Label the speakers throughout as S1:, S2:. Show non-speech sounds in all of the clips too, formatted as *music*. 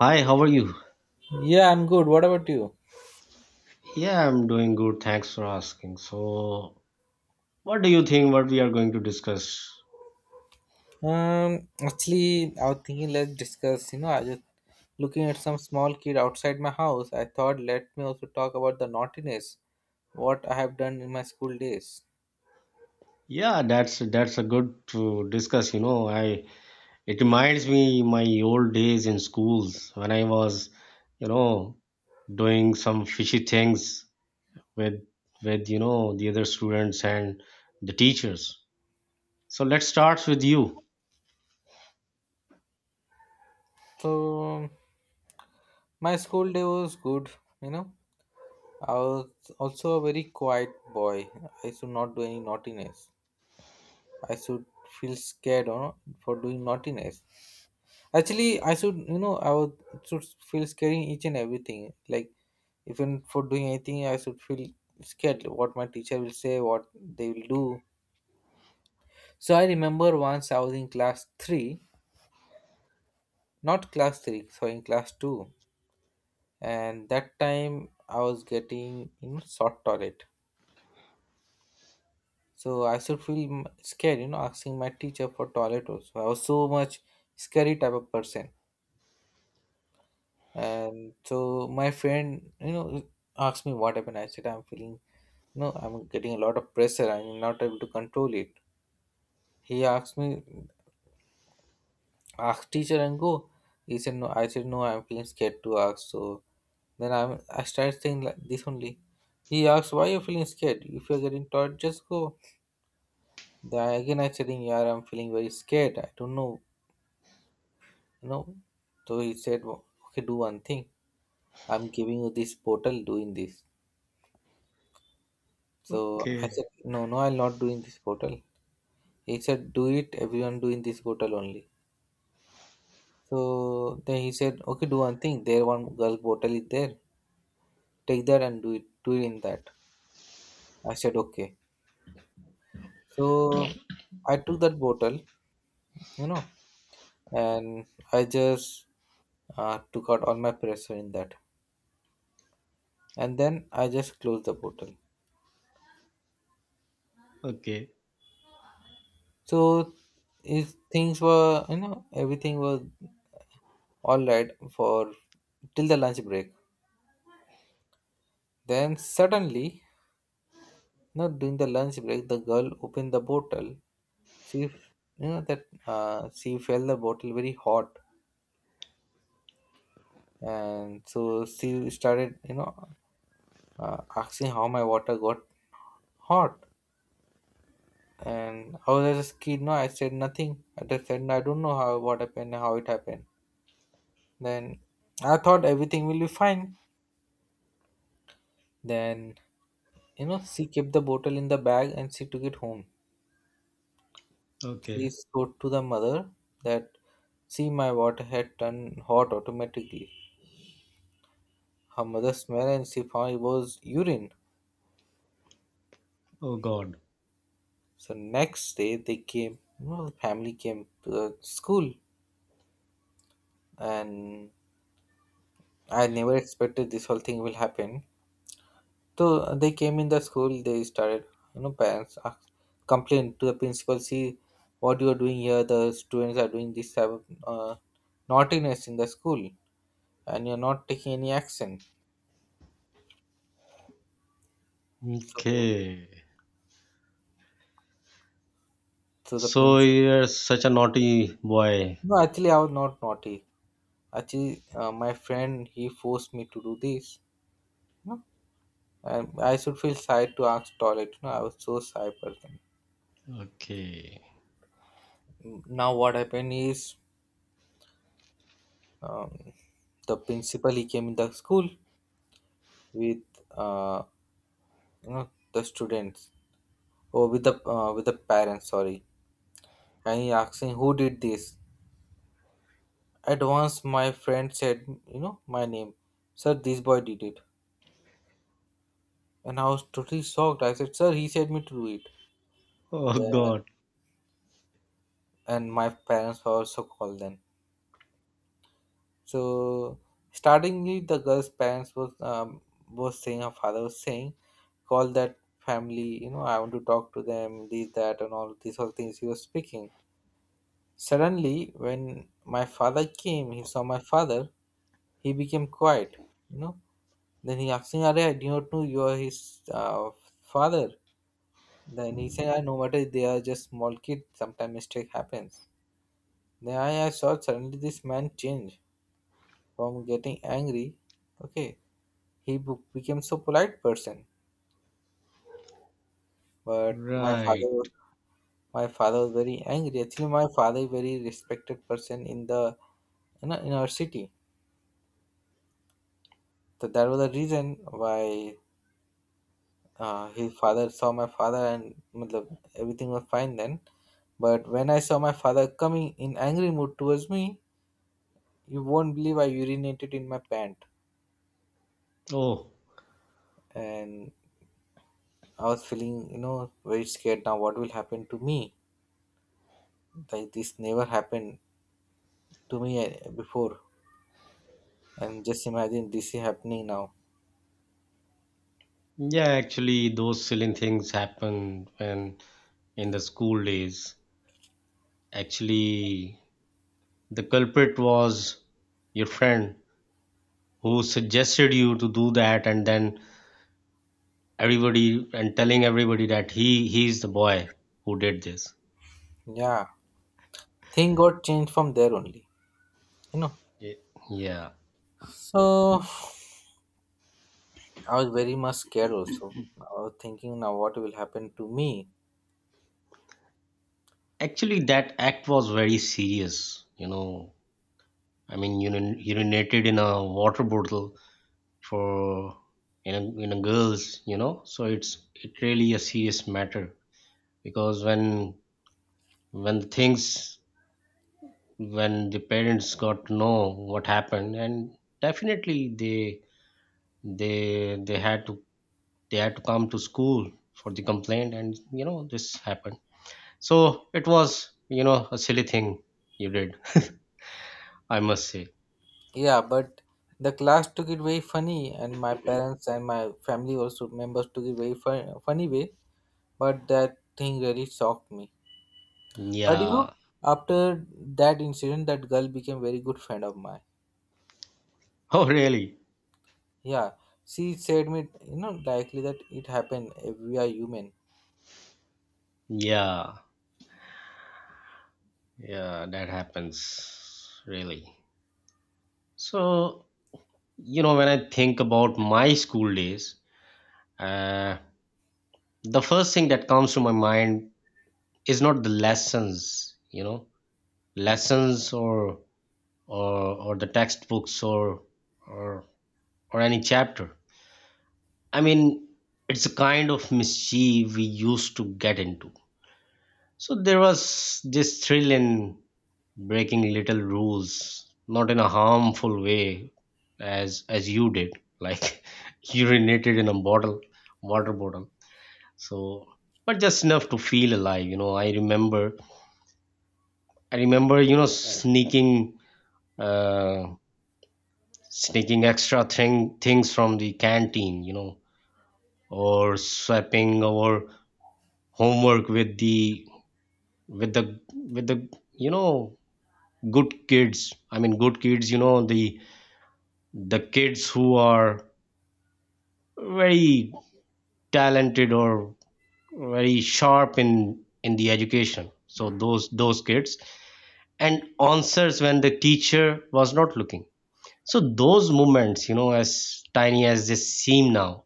S1: Hi, how are you?
S2: Yeah, I'm good. What about you?
S1: Yeah, I'm doing good. Thanks for asking. So, what do you think what we are going to discuss?
S2: Actually, I was thinking let's discuss. I just looking at some small kid outside my house. I thought let me also talk about the naughtiness, what I have done in my school days.
S1: Yeah, that's a good to discuss, I it reminds me my old days in schools when I was, you know, doing some fishy things with with the other students and the teachers. So, let's start with you.
S2: So my school day was good. You know, I was also a very quiet boy. I should not do any naughtiness. I should feel scared, for doing naughtiness. Actually, I should, I would should feel scared in each and everything. Like, even for doing anything, I should feel scared, like what my teacher will say, what they will do. So I remember once I was in class three, not class three, so in class two, and that time I was getting, short toilet. So I should feel scared, asking my teacher for toilet also. I was so much scary type of person. And so my friend, asked me what happened. I said, I'm feeling, I'm getting a lot of pressure. I'm not able to control it. He asked me, ask teacher and go. He said, no. I said, no, I'm feeling scared to ask. So then I started saying like this only. He asked, why you feeling scared? If you're getting taught, just go. Then again I said, yeah, I'm feeling very scared. I don't know, you know. So he said, okay, do one thing. I'm giving you this portal doing this. So I
S1: Okay.
S2: said, no, no, I'll not do in this portal. He said, do it, everyone do in this portal only. So then he said, okay, do one thing. There one girl portal is there. Take that and do it in that. I said, okay. So I took that bottle, you know, and I just took out all my pressure in that. And then I just closed the bottle.
S1: Okay.
S2: So is things were, everything was all right for till the lunch break. Then suddenly no, during the lunch break, the girl opened the bottle. She, f- you know, that she felt the bottle very hot, and so she started, asking how my water got hot. And I was just a kid, no, I said nothing. I just said, "No, I don't know how what happened, how it happened. Then I thought everything will be fine. Then she kept the bottle in the bag and she took it home. He
S1: Okay.
S2: showed to the mother that see my water had turned hot automatically. Her mother smelled and she found it was urine.
S1: Oh God.
S2: So next day they came, the family came to the school and I never expected this whole thing will happen. So they came in the school, they started, parents asked, complained to the principal, see what you are doing here, the students are doing this type of naughtiness in the school and you're not taking any action. So
S1: Okay.
S2: so the
S1: So
S2: prin-
S1: you're such a naughty boy.
S2: no, actually, I was not naughty. Actually, my friend he forced me to do this. No, and I should feel shy to ask toilet. You know, I was so shy person.
S1: Okay.
S2: Now what happened is um, the principal he came in the school with uh, the students or with the parents. Sorry, and he asking who did this. At once, my friend said, my name. Sir, this boy did it, and I was totally shocked. I said, sir, he said me to do it.
S1: Oh
S2: Then
S1: God.
S2: and my parents were also called then. So startingly, the girl's parents was saying her father was saying, call that family. You know, I want to talk to them. This that and all these all things he was speaking. Suddenly, when my father came, he saw my father. He became quiet. You know. Then he asked me, "Are I do not know you are his father." Then he said, "I no matter they are just small kids. Sometimes mistake happens." Then I saw suddenly this man change from getting angry. Okay, he became so polite person. But
S1: Right.
S2: my father was very angry. Actually, my father is very respected person in the in our city. So that was the reason why his father saw my father and matlab, everything was fine then. But when I saw my father coming in angry mood towards me, you won't believe I urinated in my pant
S1: Oh.
S2: and I was feeling, very scared now. What will happen to me? Like this never happened to me before and just imagine this is happening now.
S1: Yeah, actually those silly things happen when in the school days. Actually, the culprit was your friend who suggested you to do that and then everybody and telling everybody that he's the boy who did this.
S2: Yeah, thing got changed from there only, you know.
S1: Ye- Yeah.
S2: So I was very much scared also. I was thinking now what will happen to me.
S1: Actually that act was very serious, you know, I mean, urinated in a water bottle for you know, girls, you know. So it's it really a serious matter because when things when the parents got to know what happened, and definitely they they had to they had to come to school for the complaint, and you know this happened. So it was, you know, a silly thing you did, *laughs* I must say.
S2: Yeah, but the class took it very funny and my parents and my family also members took it funny way, but that thing really shocked me. But you know,
S1: Yeah. *laughs*
S2: after that incident that girl became very good friend of mine.
S1: Oh, really?
S2: Yeah, she said me, likely that it happened if we are human.
S1: Yeah. Yeah, that happens really. So, you know, when I think about my school days, uh, the first thing that comes to my mind is not the lessons, you know, lessons or or the textbooks or or or any chapter. I mean, it's a kind of mischief we used to get into. So there was this thrill in breaking little rules, not in a harmful way as you did, like *laughs* urinated in a bottle water bottle. So, but just enough to feel alive. You know, I remember you know sneaking uh sneaking extra things from the canteen, you know, or swapping our homework with the with the with the you know good kids. I mean, good kids, you know, the kids who are very talented or very sharp in the education. So those kids and answers when the teacher was not looking. So those moments, you know, as tiny as they seem now,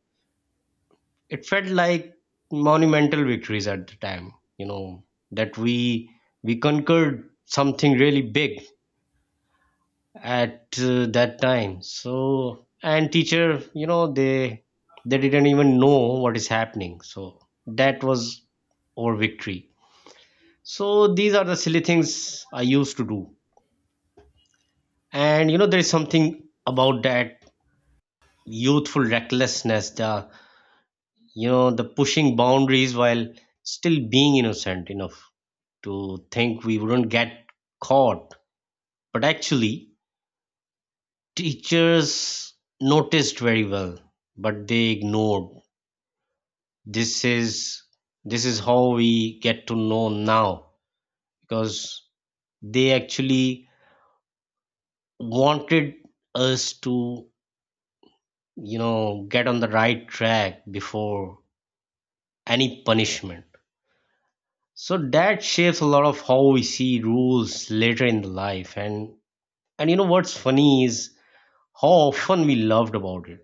S1: it felt like monumental victories at the time, you know, that we conquered something really big at that time. So, and teacher, you know, they didn't even know what is happening. So that was our victory. So these are the silly things I used to do. And you know there is something about that youthful recklessness, the you know the pushing boundaries while still being innocent enough to think we wouldn't get caught. But actually teachers noticed very well, but they ignored. This is this is how we get to know now, because they actually wanted us to, you know, get on the right track before any punishment. So that shapes a lot of how we see rules later in the life. And you know what's funny is how often we loved about it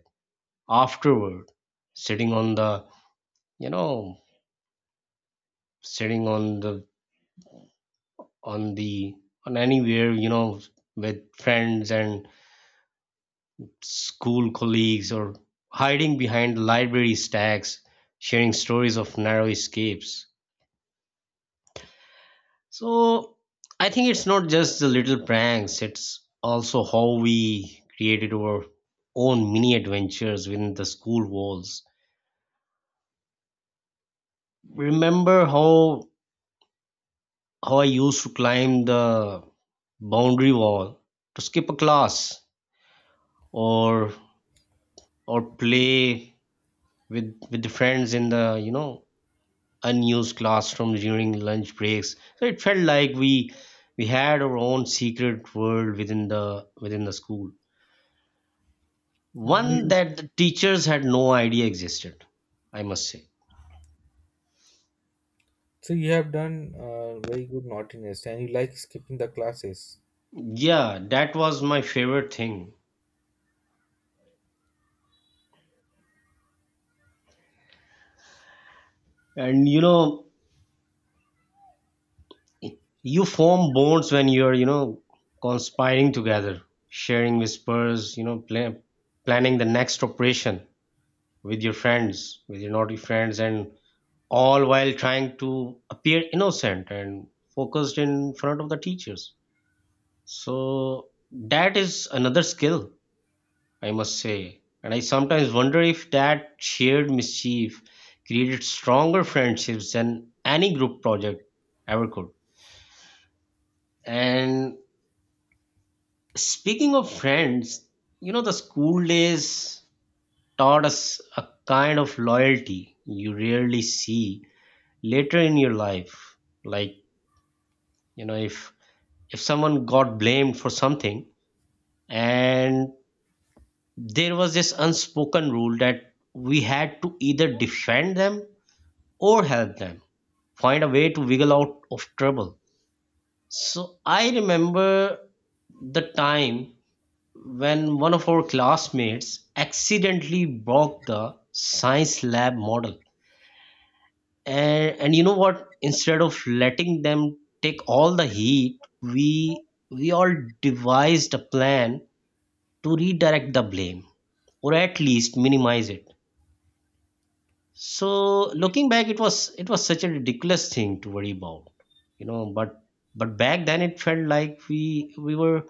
S1: afterward, sitting on the, you know, sitting on the on anywhere, you know, with friends and school colleagues, or hiding behind library stacks, sharing stories of narrow escapes. So I think it's not just the little pranks, it's also how we created our own mini adventures within the school walls. Remember how I used to climb the boundary wall to skip a class or or play with the friends in the, you know, unused classrooms during lunch breaks. So it felt like we had our own secret world within the school, one
S2: You-
S1: that the teachers had no idea existed. I must say,
S2: so you have done very good naughtiness, and you like skipping the classes.
S1: yeah, that was my favorite thing. And you know, you form bonds when you're, you know, conspiring together, sharing whispers, you know, planning the next operation with your friends, with your naughty friends, and all while trying to appear innocent and focused in front of the teachers. So that is another skill, I must say. And I sometimes wonder if that shared mischief created stronger friendships than any group project ever could. And speaking of friends, you know, the school days taught us a kind of loyalty you rarely see later in your life. Like, you know, if someone got blamed for something, and there was this unspoken rule that we had to either defend them or help them find a way to wiggle out of trouble. So I remember the time when one of our classmates accidentally broke the science lab model. And you know what, instead of letting them take all the heat, we all devised a plan to redirect the blame or at least minimize it. So looking back, it was such a ridiculous thing to worry about, you know, but back then it felt like we were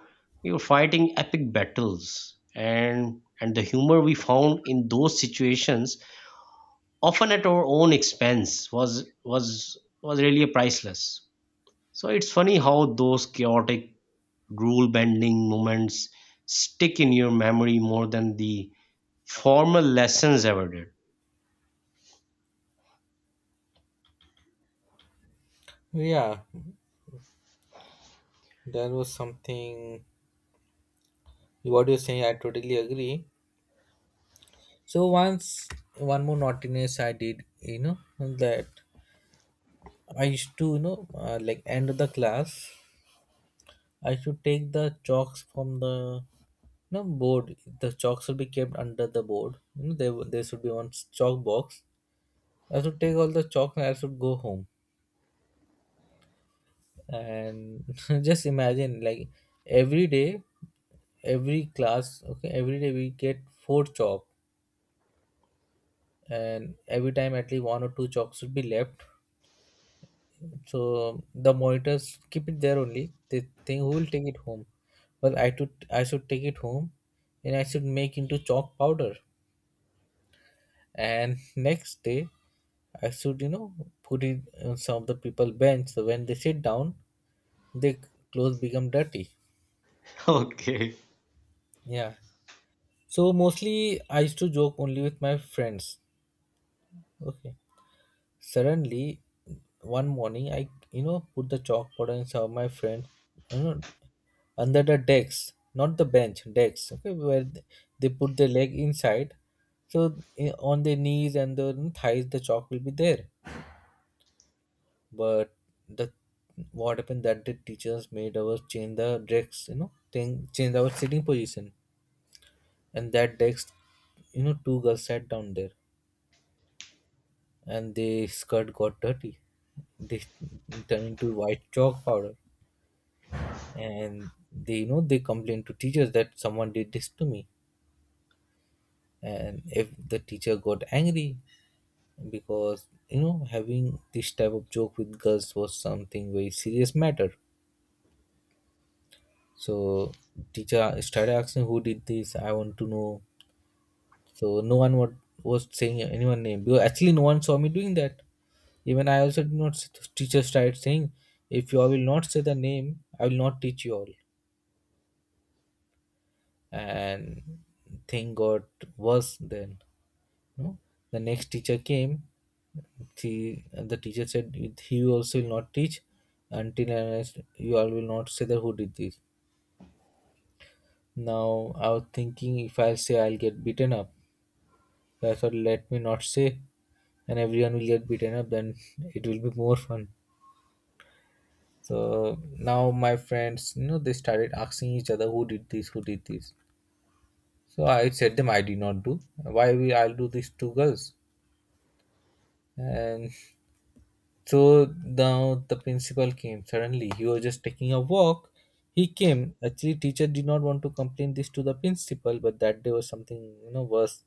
S1: we were fighting epic battles. And the humor we found in those situations, often at our own expense, was was really priceless. So it's funny how those chaotic rule bending moments stick in your memory more than the formal lessons ever did. *laughs*
S2: Yeah, there was something. What you're saying, I totally agree. So once one more naughtiness I did, you know, that I used to, like end of the class, I should take the chalks from the, board. The chalks should be kept under the board. You know, there should be one chalk box. I should take all the chalk and I should go home, and *laughs* just imagine like every day, every class, okay, every day we get four chalk and every time at least one or two chalks should be left, so the monitors keep it there only. They think who will take it home. Well, I should take it home and I should make into chalk powder and *laughs* next day I should you know, put it on some of the people bench, so when they sit down their clothes become dirty.
S1: Okay,
S2: Yeah, so mostly I used to joke only with my friends. Okay. Suddenly one morning I, you know, put the chalkboard and saw my friend, you know, under the decks, not the bench, decks, okay, where they put their leg inside. So on their knees and their thighs the chalk will be there. But the what happened that the teachers made us change the decks, you know, thing change our sitting position. And that decks, you know, two girls sat down there and the skirt got dirty. They turned into white chalk powder, and they, you know, they complained to teachers that someone did this to me. And if the teacher got angry, because you know having this type of joke with girls was something very serious matter. So teacher started asking who did this. I want to know. So no one wa- was saying anyone name because actually no one saw me doing that. Even I also did not. Teacher started saying, "If you all will not say the name, I will not teach you all." And thing got worse. Then, no, the next teacher came. She, the teacher said, "He also will not teach until and unless you all will not say that who did this." Now I was thinking, if I say I'll get beaten up, so I thought, let me not say, and everyone will get beaten up. Then it will be more fun. So now my friends, you know, they started asking each other who did this, who did this. So I said them I did not do. Why we I'll do this two girls? And so now the principal came suddenly. He was just taking a walk. He came. Actually, teacher did not want to complain this to the principal, but that day was something, you know, worse.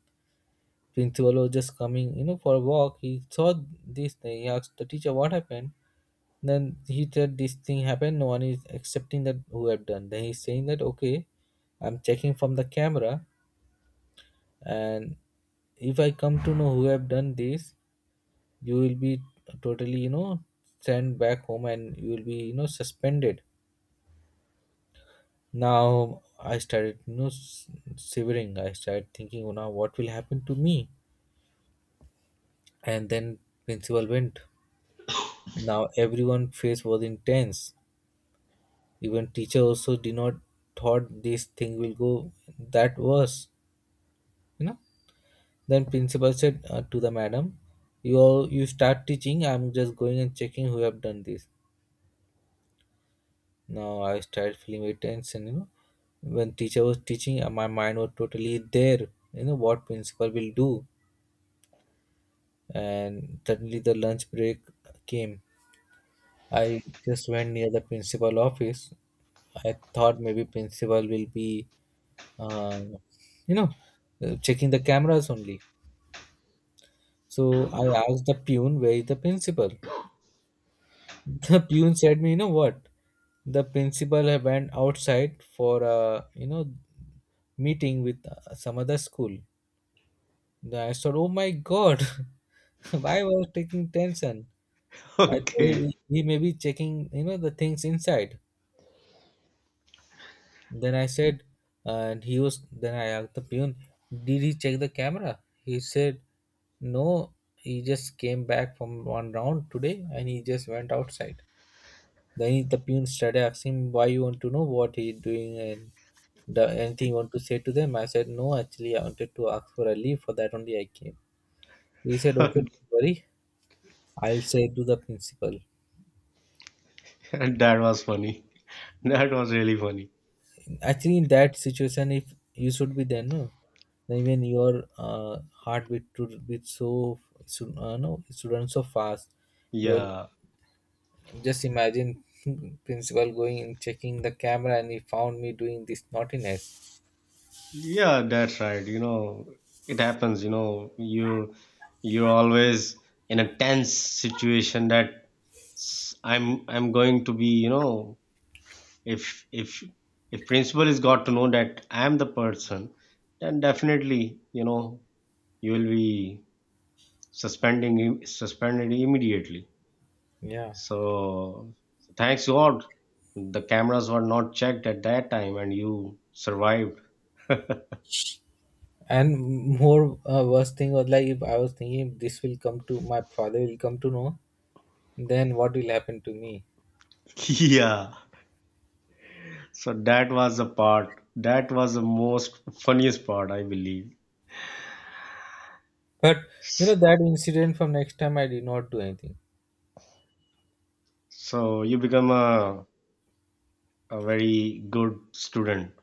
S2: Principal was just coming, you know, for a walk. He saw this thing. He asked the teacher what happened. Then he said this thing happened. No one is accepting that who have done. Then he's saying that okay, I'm checking from the camera, and if I come to know who have done this, you will be totally, you know, sent back home and you will be, you know, suspended. Now I started, you know, shivering. I started thinking, oh, now what will happen to me? And then principal went. Now everyone face was intense. Even teacher also did not thought this thing will go that worse you know then principal said to the madam, you all, you start teaching. I'm just going and checking who have done this. Now I started feeling very tense. And when teacher was teaching, my mind was totally there, what principal will do. And suddenly the lunch break came. I just went near the principal office. I thought maybe principal will be, uh, you know, checking the cameras only. So I asked the pune where is the principal. *laughs* The pune said me, you know what? The principal had went outside for a meeting with some other school. Then I thought, oh my god, *laughs* why was taking tension? I thought
S1: okay.
S2: he may be checking the things inside. Then I said, then I asked the peon, did he check the camera? He said, no, he just came back from one round today and he just went outside. Then the peon started asking him, why you want to know what he doing and anything you want to say to them? I said, no, actually, I wanted to ask for a leave. For that only I came. He said,
S1: *laughs*
S2: okay, don't worry. I'll say to the principal.
S1: That was funny. That was really funny.
S2: Actually, in that situation if you should be there, no, then even your heartbeat should be so, should, no, it should run so fast. Well,
S1: Yeah,
S2: just imagine, *laughs* principal going and checking the camera and he found me doing this naughtiness.
S1: yeah, that's right. You know, it happens, you know, you you're always in a tense situation that I'm going to be, you know, if if principal is got to know that I'm the person, then definitely, you know, you will be suspended immediately.
S2: Yeah.
S1: So, so thanks God the cameras were not checked at that time and you survived.
S2: And more worst thing was like if I was thinking if this will come to my father will come to know, then what will happen to me.
S1: *laughs* Yeah. So that was the part. That was the most funniest part, I believe.
S2: But that incident, from next time I did not do anything.
S1: So you become a very good student.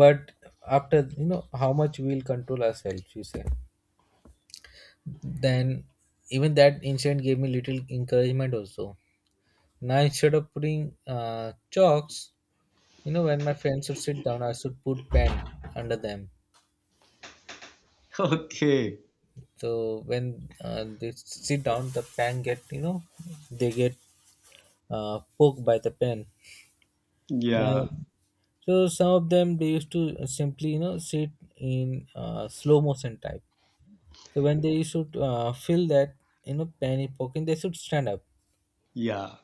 S2: But after you know how much we'll control ourselves, you say. Then even that incident gave me little encouragement also. Now instead of putting chalks, when my friends would sit down, I should put pen under them.
S1: *laughs* Okay.
S2: So when they sit down, the pen get, they get poked by the pen.
S1: Yeah.
S2: And so some of them they used to simply sit in slow motion type. So when they should fill that, penny pocket, they should stand up.
S1: Yeah.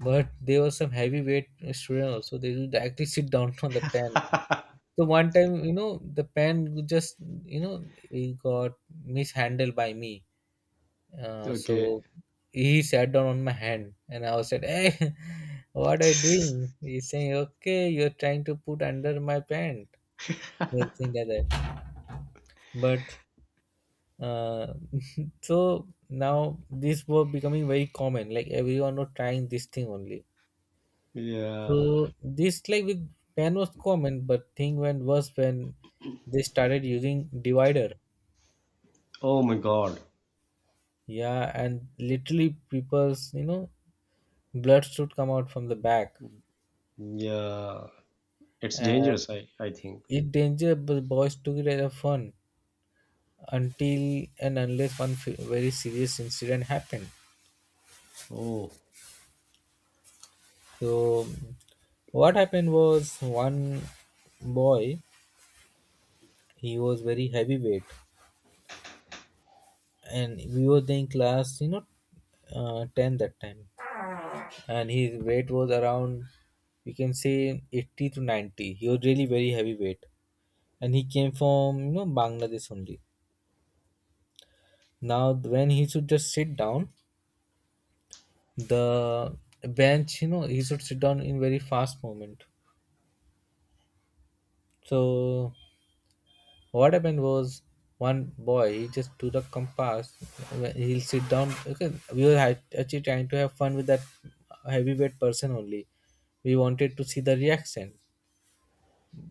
S2: But there were some heavyweight student also. They would actually sit down *laughs* on the pen.
S1: *laughs*
S2: So one time, the pen would just, it got mishandled by me. Uh,
S1: Okay.
S2: so he sat down on my hand, and I was said, "Hey, *laughs* what are you doing?" He's saying, "Okay, you're trying to put under my pant." Something like that. But uh, *laughs* so now this was becoming very common, like everyone was trying this thing only.
S1: Yeah.
S2: So this like with pen was common but thing went worse when they started using divider.
S1: Oh my God.
S2: Yeah. And literally people's blood should come out from the back.
S1: Yeah. It's
S2: And
S1: dangerous, I think.
S2: it danger but boys took it as a fun until and unless one very serious incident happened.
S1: Oh.
S2: So what happened was one boy, he was very heavyweight. And we were in class 10 that time. And his weight was around, we can say 80 to 90. He was really very heavyweight. And he came from Bangladesh only. Now when he should just sit down the bench, he should sit down in very fast movement. So what happened was one boy, he just took the compass. He'll sit down. Okay, we were actually trying to have fun with that heavyweight person only. We wanted to see the reaction,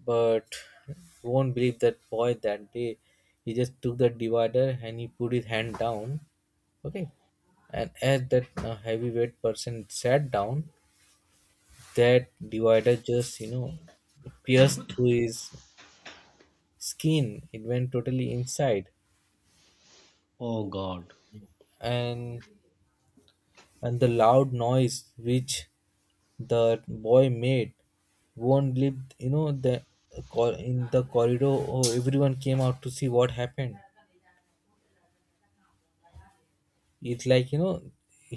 S2: but you won't believe that boy that day. He just took the divider and he put his hand down. Okay, and as that heavyweight person sat down, that divider just pierced through his skin. It went totally inside.
S1: Oh God.
S2: And and the loud noise which the boy made won't leave in the corridor. Oh, everyone came out to see what happened. It's like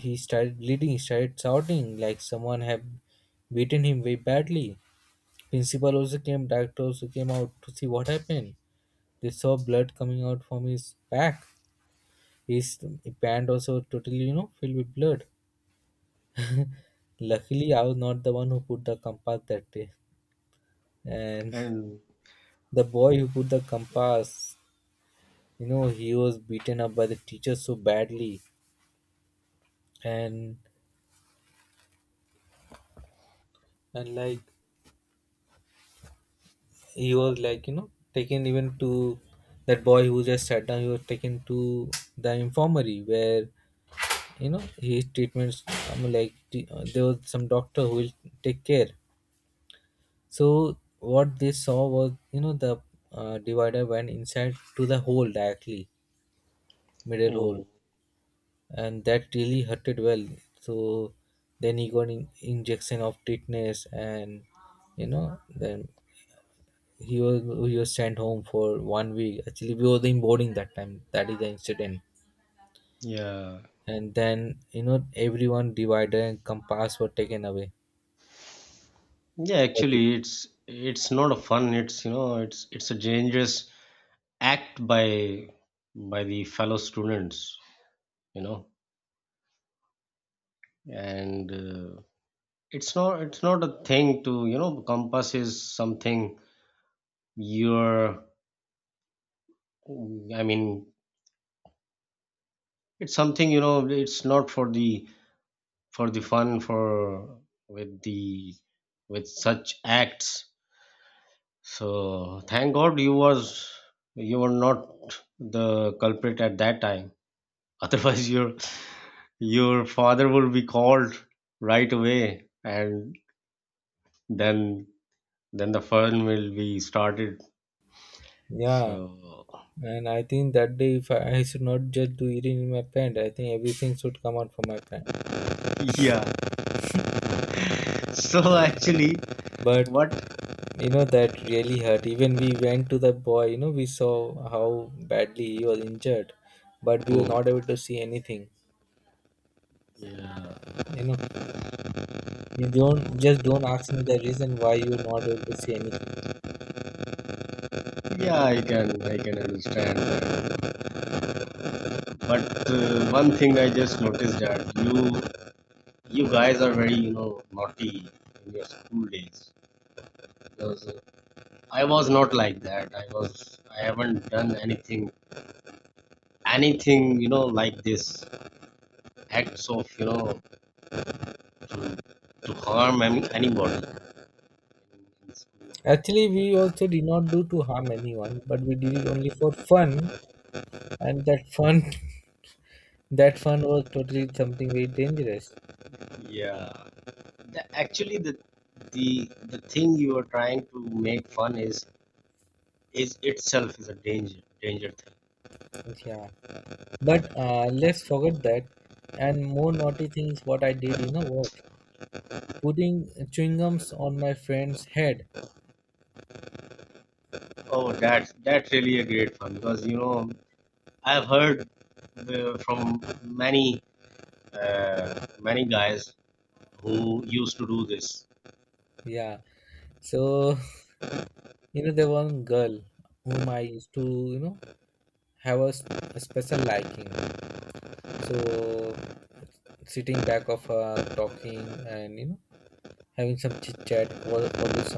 S2: he started bleeding. He started shouting like someone have beaten him very badly. Principal also came. Doctor also came out to see what happened. They saw blood coming out from his back. His pant also totally filled with blood. Luckily I was not the one who put the compass that day. And
S1: And
S2: the boy who put the compass, he was beaten up by the teacher so badly. And and like he was like taken even to that boy who just sat down. He was taken to the infirmary where his treatments. I mean, like there was some doctor who will take care. So what they saw was the divider went inside to the hole directly, middle hole.
S1: oh.
S2: And that really hurted well. So then he got in, injection of tetanus. And then he was he was sent home for 1 week. Actually we were in boarding that time, that is the incident.
S1: Yeah.
S2: And then everyone divider and compass were taken away
S1: Yeah,
S2: for.
S1: actually it's not a fun, it's, you know, it's a dangerous act by the fellow students, you know. And it's not a thing to, you know, compass is something you're, I mean, it's something, you know, it's not for the for the fun for with the with such acts. So thank God you was you were not the culprit at that time. *laughs* Otherwise your father will be called right away, and then then the fun will be started.
S2: Yeah.
S1: So
S2: And I think that day if I should not just do it in my pant, I think everything should come out from my pant.
S1: *laughs* yeah. So actually
S2: But
S1: what.
S2: that really hurt. Even we went to the boy, we saw how badly he was injured. But we were not
S1: Hmm.
S2: able to see anything.
S1: Yeah,
S2: You know you don't just don't ask me the reason why you were not able to see anything.
S1: yeah, I can understand that. But one thing I just noticed, that you guys are very, you know, naughty in your school days, because I was not like that. I was I haven't done anything anything, you know, like this acts of, you know, to, to harm any, anybody in school.
S2: Actually we also did not do to harm anyone but we did it only for fun. And that fun *laughs* that fun was totally something very dangerous.
S1: Yeah. Actually the the thing you are trying to make fun is itself is a danger thing.
S2: Yeah. But let's forget that. And more naughty things what I did, you know what? Putting chewing gums on my friend's head.
S1: Oh, that's really a great fun because you know I've heard from many many guys who used to do this
S2: Yeah. So, *laughs* there one girl whom I used to, have a special liking. So, sitting back of her, talking, and having some chit chat, was always